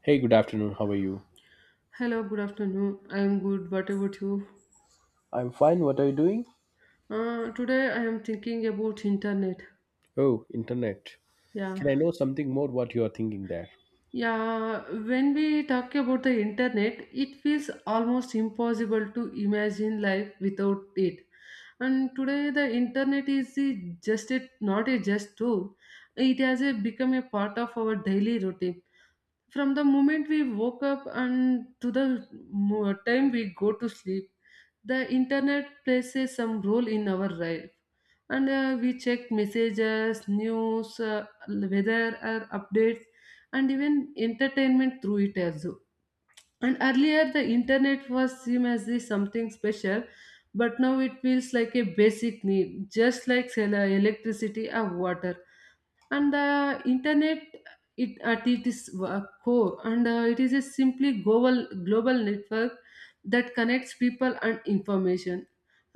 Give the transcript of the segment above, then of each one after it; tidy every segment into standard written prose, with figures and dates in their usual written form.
Hey, good afternoon. How are you? Hello, good afternoon. I am good. What about you? I'm fine. What are you doing? Today I am thinking about internet. Oh, internet. Yeah, Can I know something more what you are thinking there? yeah. When we talk about the internet, it feels almost impossible to imagine life without it. And today the internet is not a just tool. It has become a part of our daily routine from the moment we woke up and to the time we go to sleep, the internet plays a some role in our life, and we check messages, news, weather, or updates, and even entertainment through it as well. And earlier the internet was seen as the something special, but now it feels like a basic need, just like electricity or water. And the internet, it at its core, and it is a simply global network that connects people and information.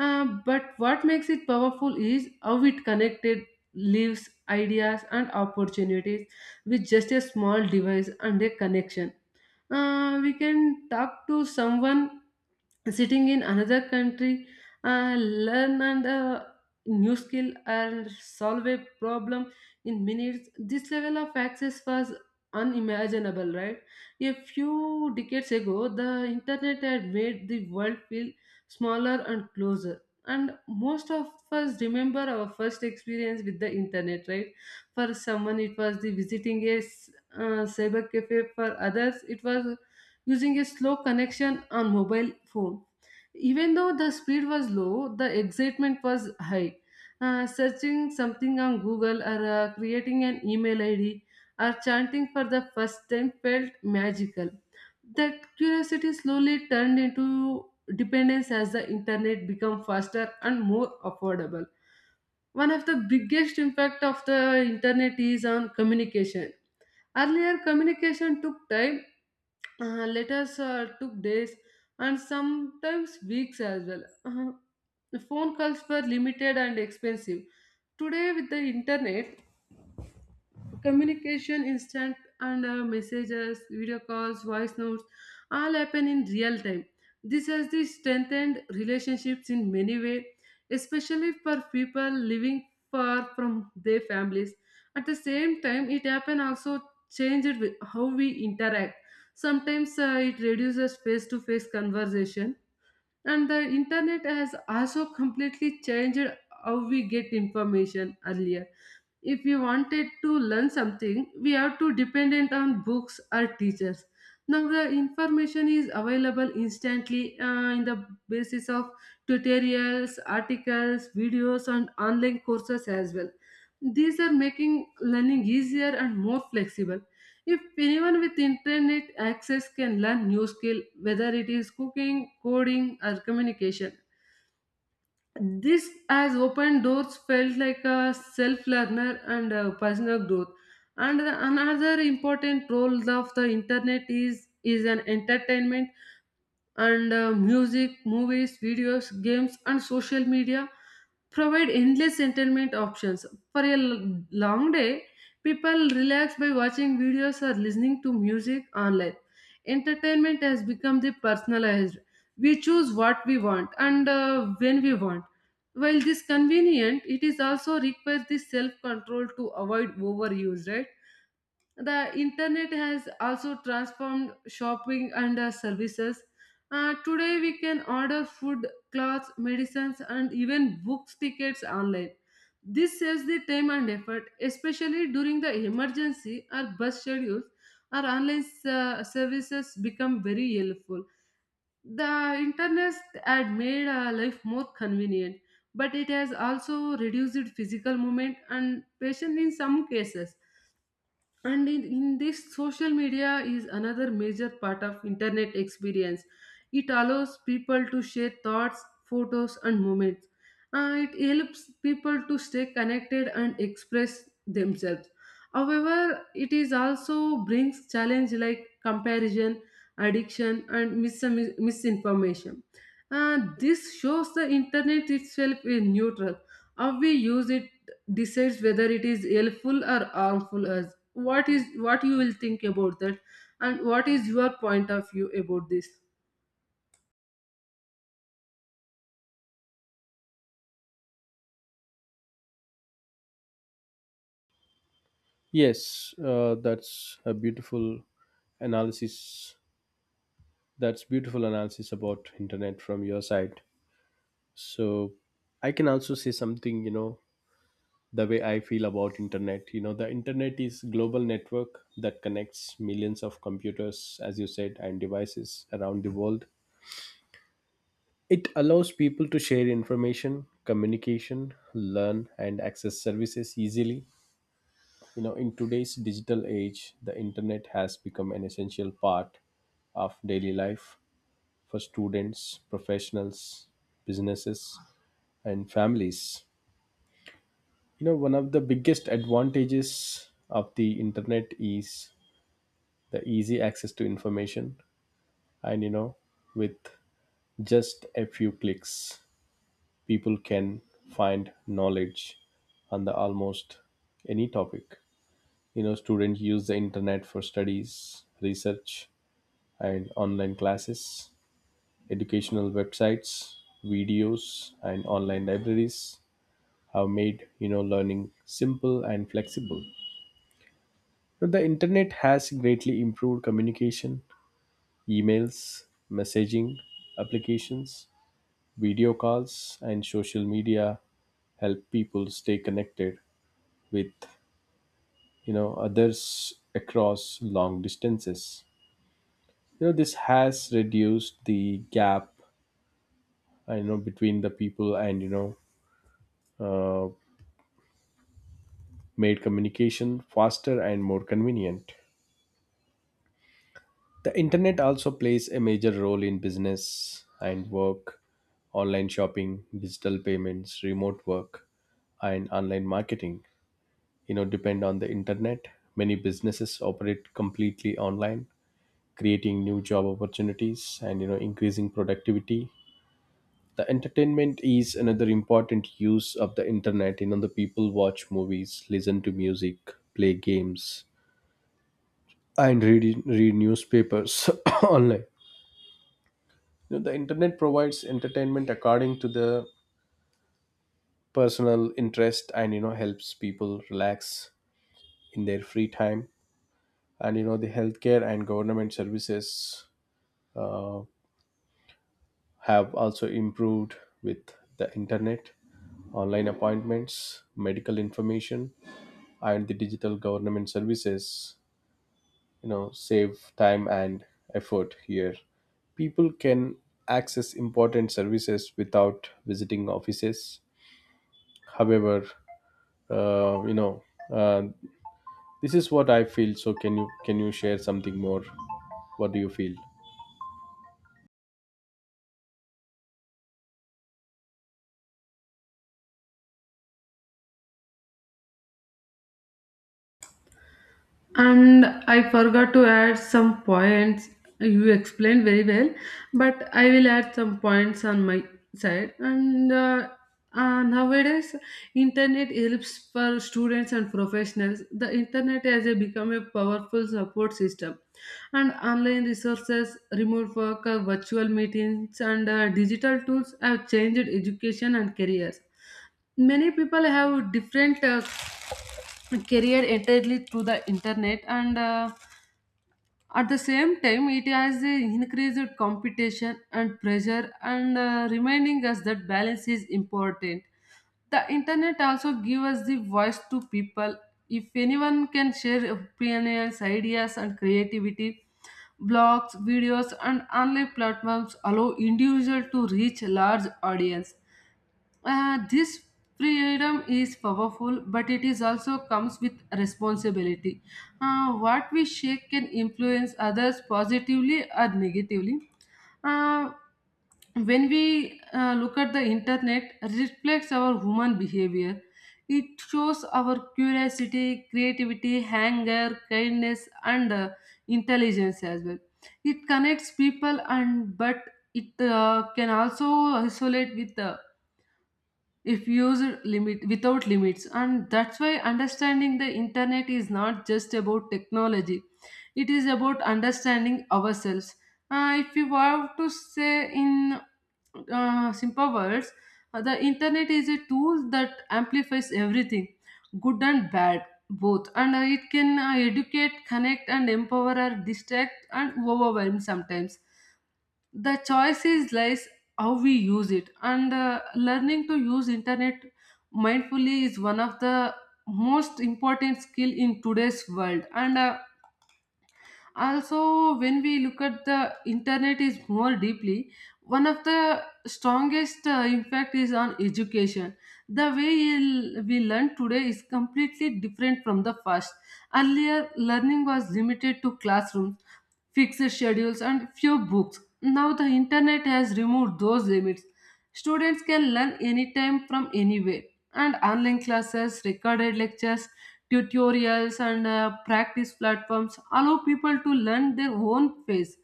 But what makes it powerful is how it connected lives, ideas, and opportunities with just a small device and a connection. We can talk to someone sitting in another country, learn and new skill and solve a problem in minutes. This level of access was unimaginable, right? A few decades ago the internet had made the world feel smaller and closer. And most of us remember our first experience with the internet, right? For someone it was the visiting a cyber cafe. For others it was using a slow connection on mobile phone. Even though the speed was low, the excitement was high. Searching something on Google or creating an email ID or chanting for the first time felt magical. That curiosity slowly turned into dependence as the internet became faster and more affordable. One of the biggest impact of the internet is on communication. Earlier, communication took time, letters took days, and sometimes weeks as well. Phone calls were limited and expensive. Today, with the internet, communication instant, and messages, video calls, voice notes all happen in real time. This has the strengthened relationships in many ways, especially for people living far from their families. At the same time, it happen also changed with how we interact. Sometimes it reduces face to face conversation. And the internet has also completely changed how we get information. Earlier, if we wanted to learn something, we have to dependent on books or teachers. Now the information is available instantly, in the basis of tutorials, articles, videos, and online courses as well. These are making learning easier and more flexible. If anyone with internet access can learn new skill, whether it is cooking, coding, or communication. This has opened doors felt like a self-learner and personal growth. And another important role of the internet is an entertainment. And music, movies, videos, games, and social media provide endless entertainment options. For a long day, people relax by watching videos or listening to music online. Entertainment has become the personalized. We choose what we want, and when we want. While this convenient, it is also requires the self control to avoid overuse, right? The internet has also transformed shopping and services. Today, we can order food, clothes, medicines, and even books, tickets online. This saves the time and effort, especially during the emergency or bus schedules. Our online services become very helpful. The internet had made life more convenient, but it has also reduced physical movement and patience in some cases. And in this, social media is another major part of internet experience. It allows people to share thoughts, photos, and moments. It helps people to stay connected and express themselves. However, it is also brings challenge like comparison, addiction, and misinformation. Uh, this shows the internet itself is neutral. How we use it decides whether it is helpful or harmful us. What is what you will think about that? And what is your point of view about this? Yes, that's a beautiful analysis. That's beautiful analysis about internet from your side. So I can also say something, the way I feel about internet. The internet is global network that connects millions of computers, as you said, and devices around the world. It allows people to share information, communication, learn, and access services easily. You know, in today's digital age, the internet has become an essential part of daily life for students, professionals, businesses, and families. You know, one of the biggest advantages of the internet is the easy access to information, and with just a few clicks people can find knowledge on the almost any topic. You know, students use the internet for studies, research, and online classes. Educational websites, videos, and online libraries have made, you know, learning simple and flexible. But the internet has greatly improved communication. Emails, messaging applications, video calls, and social media help people stay connected with, you know, others across long distances. You know, this has reduced the gap, I know, between the people, and uh, made communication faster and more convenient. The internet also plays a major role in business and work. Online shopping, digital payments, remote work, and online marketing, you know, depend on the internet. Many businesses operate completely online, creating new job opportunities and, you know, increasing productivity. The entertainment is another important use of the internet. You know, the people watch movies, listen to music, play games, and read newspapers online. You know, the internet provides entertainment according to the personal interest and, you know, helps people relax in their free time. And you know, the healthcare and government services uh, have also improved with the internet. Online appointments, medical information, and the digital government services, you know, save time and effort here. People can access important services without visiting offices. However, uh, you know, uh, this is what I feel. So, can you share something more? What do you feel? And I forgot to add some points. You explained very well, but I will add some points on my side. And nowadays internet helps for students and professionals. The internet has become a powerful support system. And online resources, remote work, virtual meetings, and digital tools have changed education and careers. Many people have different career entirely through the internet, and at the same time, it has increased competition and pressure, and reminding us that balance is important. The internet also gives us the voice to people. If anyone can share opinions, ideas, and creativity, blogs, videos, and online platforms allow individual to reach large audience. This freedom is powerful, but it is also comes with responsibility. What we share can influence others positively or negatively. Uh, when we look at the internet, reflects our human behavior. It shows our curiosity, creativity, anger, kindness, and intelligence as well. It connects people, and but it can also isolate with the if used limit without limits, and that's why understanding the internet is not just about technology. It is about understanding ourselves. If you have to say in simple words, the internet is a tool that amplifies everything, good and bad both, and it can educate, connect, and empower, or distract and overwhelm sometimes. The choices lies how we use it. And learning to use internet mindfully is one of the most important skill in today's world. And also, when we look at the internet is more deeply, one of the strongest impact is on education. The way we learn today is completely different from the past. Earlier, learning was limited to classrooms, fixed schedules, and few books. Now the internet has removed those limits. Students can learn anytime from anywhere, and online classes, recorded lectures, tutorials, and practice platforms allow people to learn their own pace.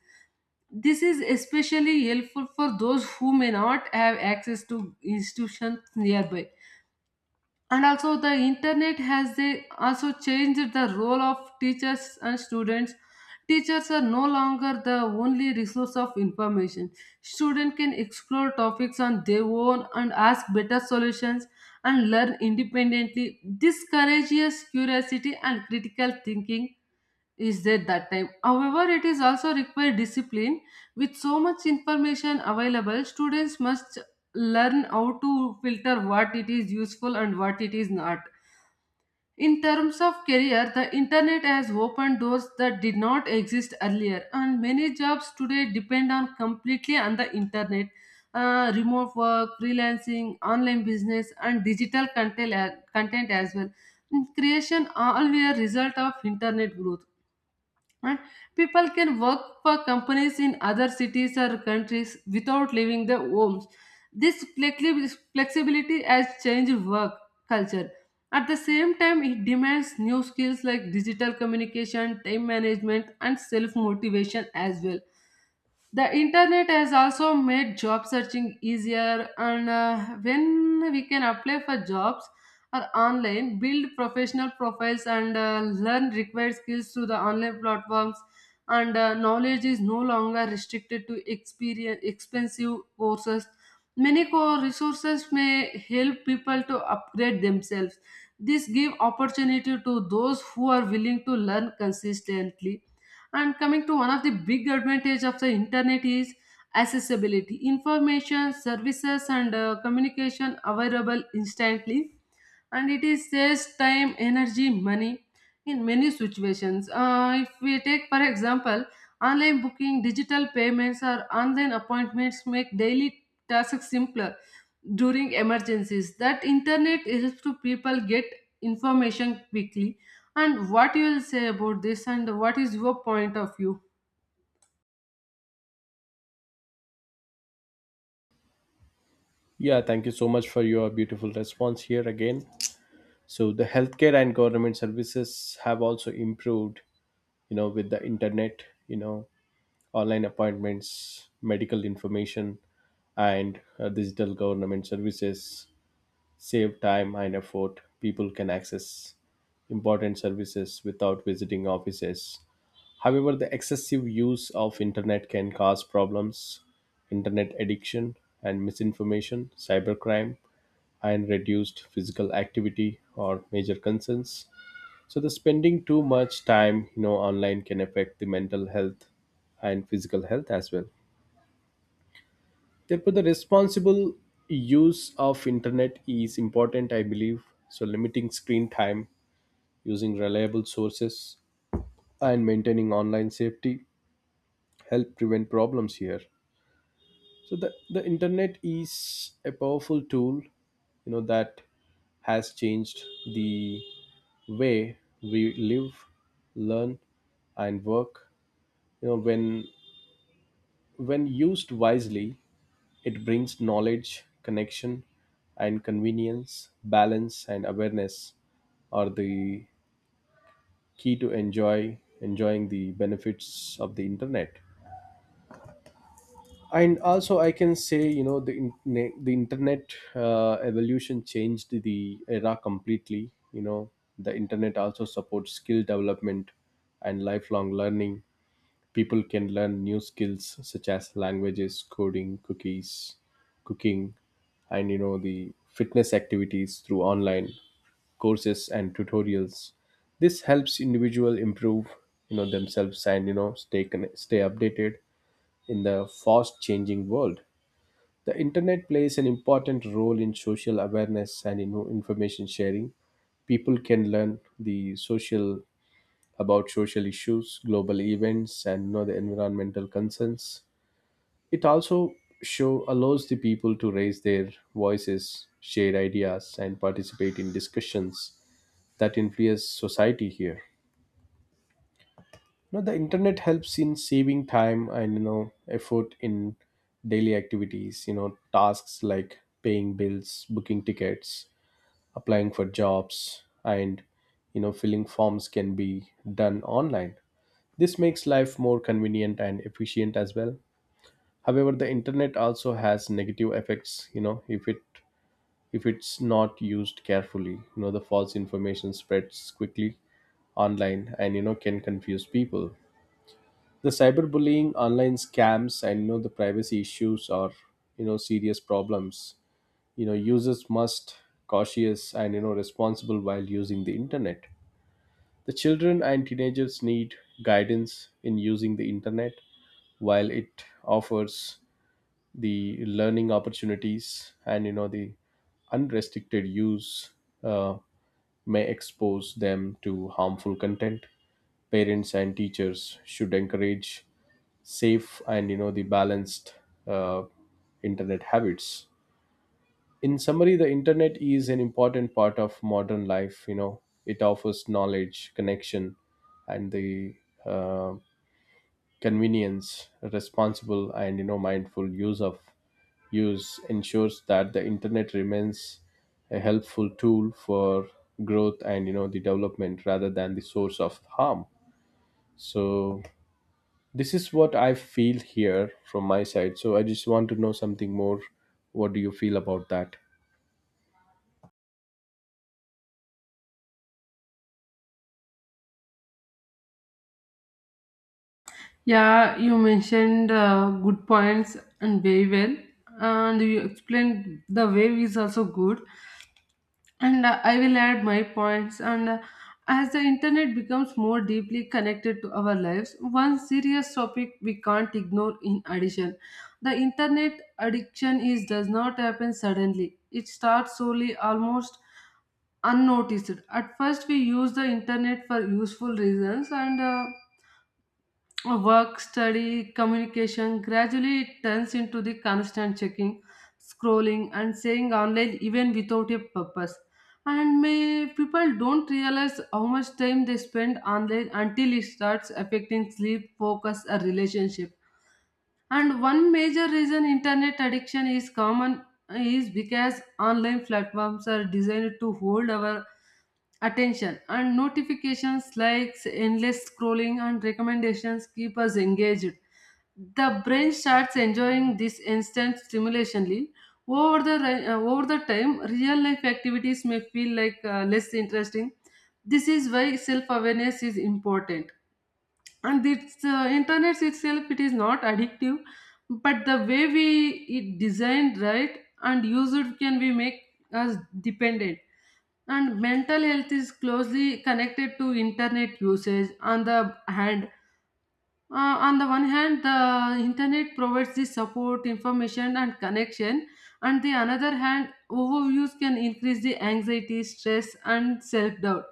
This is especially helpful for those who may not have access to institutions nearby. And also the internet has they also changed the role of teachers and students. Teachers are no longer the only resource of information. Students can explore topics on their own and ask better solutions and learn independently. This courageous curiosity and critical thinking is there that time. However, it is also require discipline. With so much information available, students must learn how to filter what it is useful and what it is not. In terms of career, the internet has opened doors that did not exist earlier, and many jobs today depend on completely on the internet. Remote work, freelancing, online business, and digital content as well creation all were result of internet growth, right? People can work for companies in other cities or countries without leaving their homes. This flexibility has changed work culture. At the same time, it demands new skills like digital communication, time management, and self motivation as well. The internet has also made job searching easier, and when we can apply for jobs or online, build professional profiles, and learn required skills through the online platforms, and knowledge is no longer restricted to experience expensive courses. Many core resources may help people to upgrade themselves. This give opportunity to those who are willing to learn consistently. And coming to one of the big advantage of the internet is accessibility. Information, services, and communication available instantly, and it is saves time, energy, money in many situations. If we take for example, online booking, digital payments, or online appointments make daily tasks simpler. During emergencies, that internet helps to people get information quickly. And what you will say about this? And what is your point of view? Yeah, thank you so much for your beautiful response here again. So the healthcare and government services have also improved, you know, with the internet. You know, online appointments, medical information, and digital government services save time and effort. People can access important services without visiting offices. However, the excessive use of internet can cause problems. Internet addiction and misinformation, cybercrime, and reduced physical activity are major concerns. So the spending too much time, you know, online can affect the mental health and physical health as well. Therefore, the responsible use of internet is important, I believe. So limiting screen time, using reliable sources, and maintaining online safety help prevent problems here. So the internet is a powerful tool, you know, that has changed the way we live, learn, and work. You know, when used wisely, it brings knowledge, connection, and convenience. Balance and awareness are the key to enjoying the benefits of the internet. And also, I can say, you know, the internet, evolution changed the era completely. You know, the internet also supports skill development and lifelong learning. People can learn new skills such as languages, coding, cookies, cooking, and you know, the fitness activities through online courses and tutorials. This helps individual improve, you know, themselves and, you know, stay updated in the fast changing world. The internet plays an important role in social awareness and, you know, information sharing. People can learn the social about social issues, global events, and, you know, the environmental concerns. It also show allows the people to raise their voices, share ideas, and participate in discussions that influence society here. Now the internet helps in saving time and, you know, effort in daily activities. You know, tasks like paying bills, booking tickets, applying for jobs, and, you know, filling forms can be done online. This makes life more convenient and efficient as well. However, the internet also has negative effects, you know, if it's not used carefully. You know, the false information spreads quickly online and, you know, can confuse people. The cyberbullying, online scams, and, you know, the privacy issues are, you know, serious problems. You know, users must cautious and, you know, responsible while using the internet. The children and teenagers need guidance in using the internet. While it offers the learning opportunities and, you know, the unrestricted use uh, may expose them to harmful content. Parents and teachers should encourage safe and, you know, the balanced uh, internet habits. In summary, the internet is an important part of modern life. You know, it offers knowledge, connection, and the uh, convenience. Responsible and, you know, mindful use ensures that the internet remains a helpful tool for growth and, you know, the development rather than the source of harm. So this is what I feel here from my side. So I just want to know something more. What do you feel about that? Yeah, you mentioned good points and very well, and you explained the wave is also good. And I will add my points. And as the internet becomes more deeply connected to our lives, one serious topic we can't ignore. In addition, the internet addiction is does not happen suddenly. It starts slowly, almost unnoticed. At first, we use the internet for useful reasons, and work, study, communication, gradually it turns into the constant checking, scrolling, and staying online even without a purpose. And may people don't realize how much time they spend online until it starts affecting sleep, focus, or relationship. And one major reason internet addiction is common is because online platforms are designed to hold our attention, and notifications, likes, endless scrolling, and recommendations keep us engaged. The brain starts enjoying this instant stimulationly. Over the time, real life activities may feel like less interesting. This is why self awareness is important. And it's uh, internet itself, it is not addictive, but the way we it designed, right, and used can we make us dependent. And mental health is closely connected to internet usage. On the hand, on the one hand, the internet provides the support, information, and connection. On the another hand, overuse can increase the anxiety, stress, and self doubt.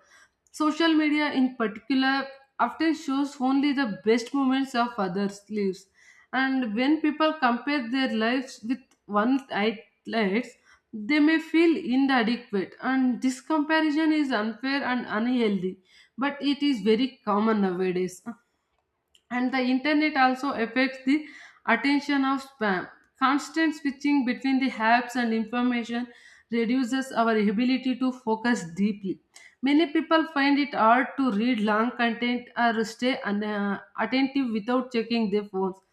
Social media, in particular, often shows only the best moments of others' lives. And when people compare their lives with one's highlights, they may feel inadequate. And this comparison is unfair and unhealthy, but it is very common nowadays. And the internet also affects the attention of spam. Constant switching between the apps and information reduces our ability to focus deeply. Many people find it hard to read long content or stay attentive without checking their phones.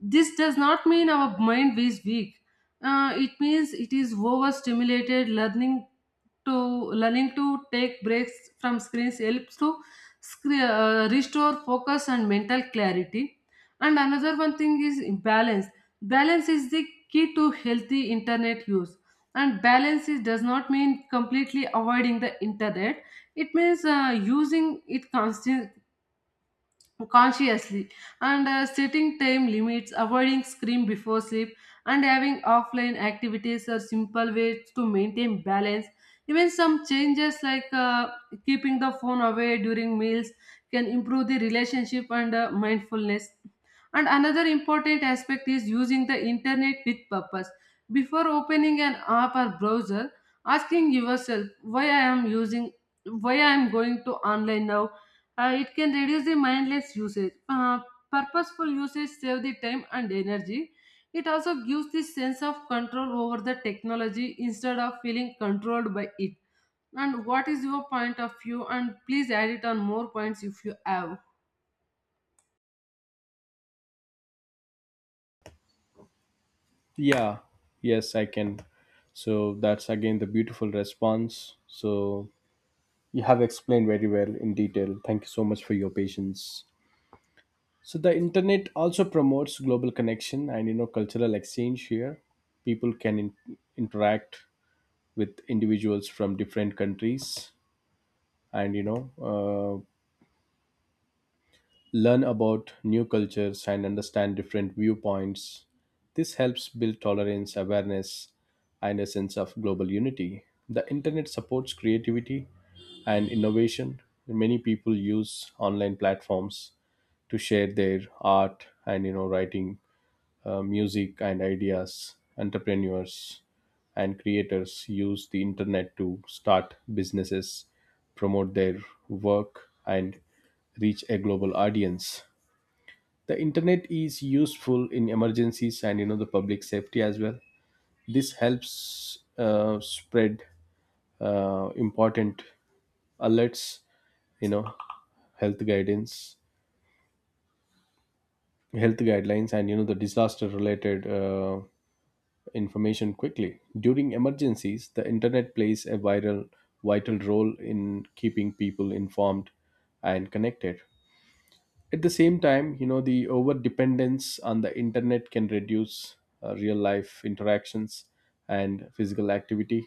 This does not mean our mind is weak. It means it is overstimulated. To learning to take breaks from screens helps to restore focus and mental clarity. And another one thing is balance. Balance is the key to healthy internet use. And balance is, does not mean completely avoiding the internet. It means using it constant consciously, and setting time limits, avoiding screen before sleep, and having offline activities are simple ways to maintain balance. Even some changes like keeping the phone away during meals can improve the relationship and mindfulness. And another important aspect is using the internet with purpose. Before opening an app or browser, asking yourself why I am using, why I am going to online now, it can reduce the mindless usage. Purposeful usage save the time and energy. It also gives the sense of control over the technology instead of feeling controlled by it. And what is your point of view? And please add it on more points if you have. Yeah, yes, I can. So that's again the beautiful response. So you have explained very well in detail. Thank you so much for your patience. So the internet also promotes global connection and, you know, cultural exchange here. People can interact with individuals from different countries and, learn about new cultures and understand different viewpoints. This helps build tolerance, awareness, and a sense of global unity. The internet supports creativity and innovation. Many people use online platforms to share their art and, you know, writing, music, and ideas. Entrepreneurs and creators use the internet to start businesses, promote their work, and reach a global audience. The internet is useful in emergencies and, you know, the public safety as well. This helps spread important alerts, you know, health guidance, health guidelines, and, you know, the disaster related information quickly. During emergencies, the internet plays a viral vital role in keeping people informed and connected. At the same time, you know, the over dependence on the internet can reduce real life interactions and physical activity.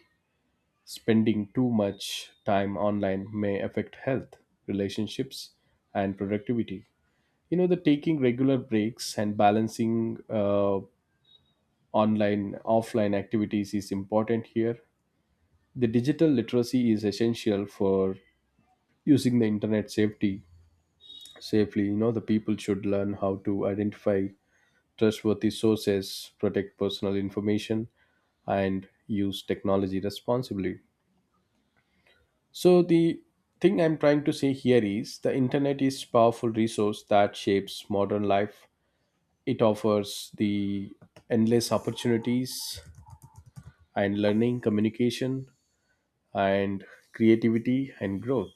Spending too much time online may affect health, relationships, and productivity. You know, the taking regular breaks and balancing online offline activities is important here. The digital literacy is essential for using the internet safety safely. You know, the people should learn how to identify trustworthy sources, protect personal information, and use technology responsibly. So the thing I'm trying to say here is the internet is powerful resource that shapes modern life. It offers the endless opportunities and learning, communication, and creativity and growth.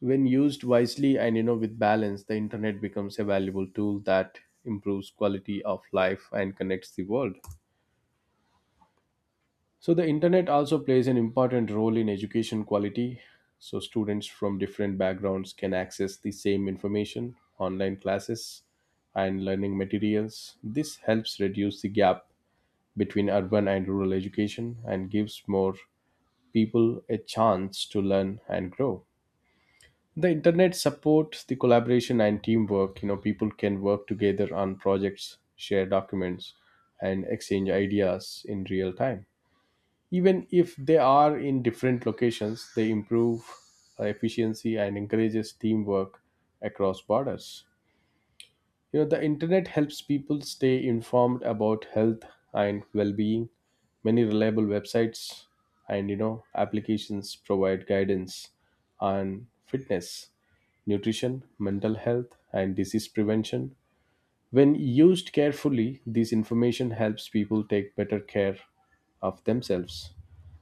When used wisely and, you know, with balance, the internet becomes a valuable tool that improves quality of life and connects the world. So the internet also plays an important role in education quality. So students from different backgrounds can access the same information, online classes, and learning materials. This helps reduce the gap between urban and rural education and gives more people a chance to learn and grow. The internet supports the collaboration and teamwork. You know, people can work together on projects, share documents, and exchange ideas in real time, even if they are in different locations. They improve efficiency and encourages teamwork across borders. You know, the internet helps people stay informed about health and well-being. Many reliable websites and, you know, applications provide guidance on fitness, nutrition, mental health, and disease prevention. When used carefully, this information helps people take better care of themselves.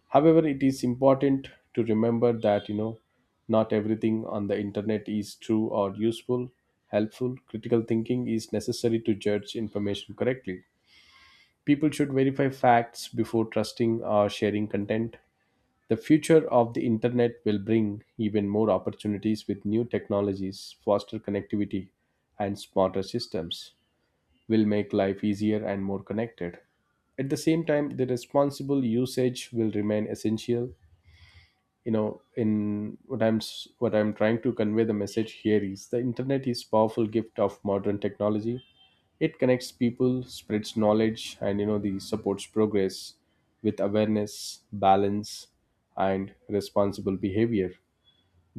However, it is important to remember that, you know, not everything on the internet is true or useful, helpful. Critical thinking is necessary to judge information correctly. People should verify facts before trusting or sharing content. The future of the internet will bring even more opportunities with new technologies, faster connectivity, and smarter systems will make life easier and more connected. At the same time, the responsible usage will remain essential. You know, in what I'm trying to convey, the message here is the internet is powerful gift of modern technology. It connects people, spreads knowledge, and, you know, the supports progress. With awareness, balance, and responsible behavior,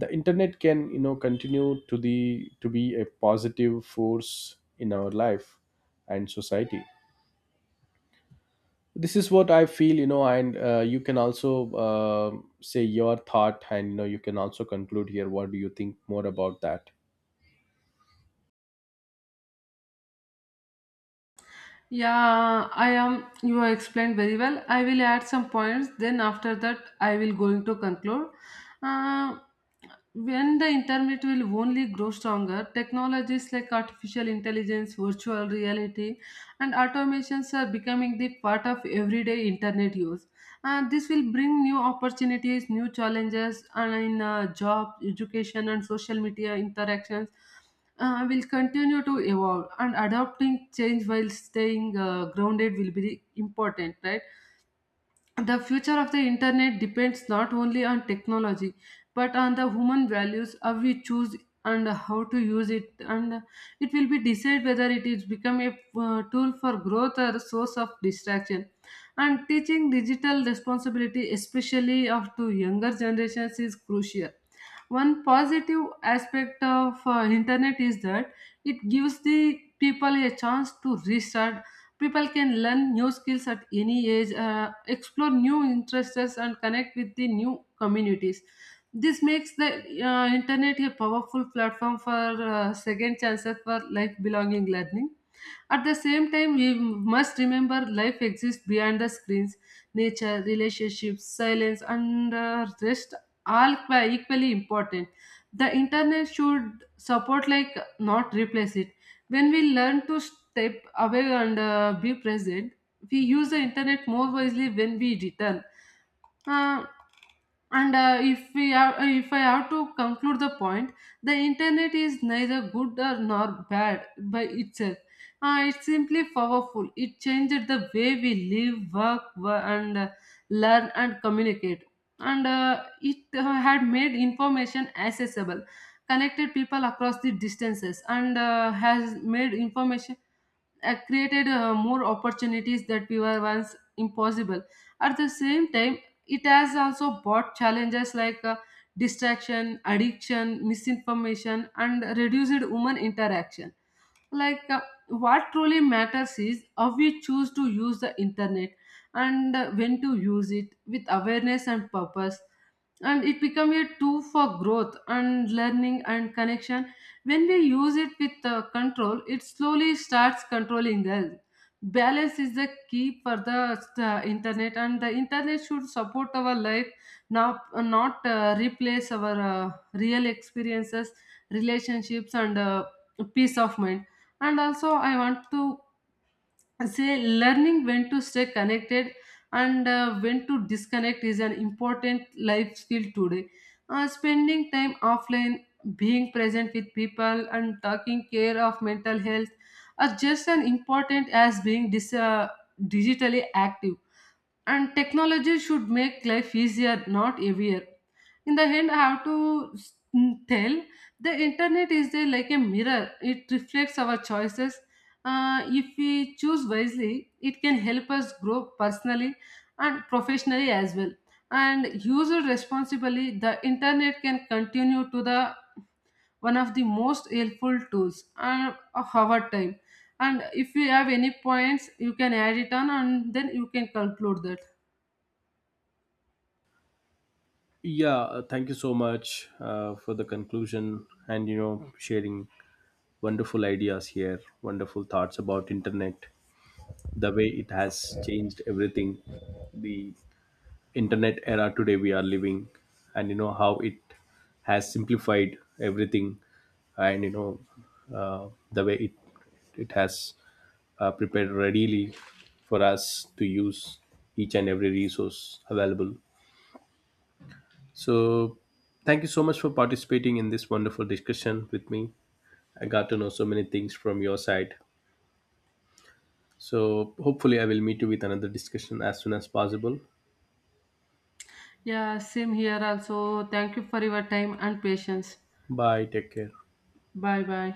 the internet can, you know, continue to the to be a positive force in our life and society. This is what I feel, you know. And you can also say your thought, and, you know, you can also conclude here. What do you think more about that? Yeah, I am. You have explained very well. I will add some points. Then after that, I will going to conclude. Uh, when the internet will only grow stronger, technologies like artificial intelligence, virtual reality, and automations are becoming the part of everyday internet use. And this will bring new opportunities, new challenges, and in job, education, and social media interactions will continue to evolve and adapting change while staying grounded will be important, right? The future of the internet depends not only on technology but on the human values, how we choose and how to use it. And it will be decide whether it is become a tool for growth or a source of distraction. And teaching digital responsibility especially of to younger generations is crucial. One positive aspect of internet is that it gives the people a chance to restart. People can learn new skills at any age, explore new interests, and connect with the new communities. This makes the internet a powerful platform for second chances for life belonging learning. At the same time, we must remember life exists beyond the screens. Nature, relationships, silence, and rest all are equally important. The internet should support, like, not replace it. When we learn to step away and be present, we use the internet more wisely when we return. Uh, and if we have, if I have to conclude the point, the internet is neither good or nor bad by itself. It's simply powerful. It changed the way we live, work, wo- and learn and communicate. And uh, it uh, had made information accessible, connected people across the distances, and has made information, created more opportunities that we were once impossible. At the same time, it has also brought challenges like distraction, addiction, misinformation, and reduced human interaction. Like uh, what truly matters is how we choose to use the internet, and when to use it with awareness and purpose, and it become a tool for growth and learning and connection. When we use it with control, it slowly starts controlling us. Balance is the key for the internet, and the internet should support our life now, not replace our real experiences, relationships, and peace of mind. And also I want to and say, learning when to stay connected and when to disconnect is an important life skill today. Spending time offline, being present with people and taking care of mental health are just as important as being digitally active. And technology should make life easier, not heavier. In the end, I have to tell the internet is there like a mirror, it reflects our choices. If we choose wisely, it can help us grow personally and professionally as well. And use it responsibly, the internet can continue to the one of the most helpful tools of our time. And if you have any points, you can add it on and then you can conclude that. Yeah, thank you so much for the conclusion and, you know, sharing wonderful ideas here, wonderful thoughts about internet, the way it has changed everything, the internet era today we are living, and, you know, how it has simplified everything, and, the way it has prepared readily for us to use each and every resource available. So, thank you so much for participating in this wonderful discussion with me. I got to know so many things from your side. So, hopefully, I will meet you with another discussion as soon as possible. Yeah, same here also. Thank you for your time and patience. Bye. Take care. Bye bye.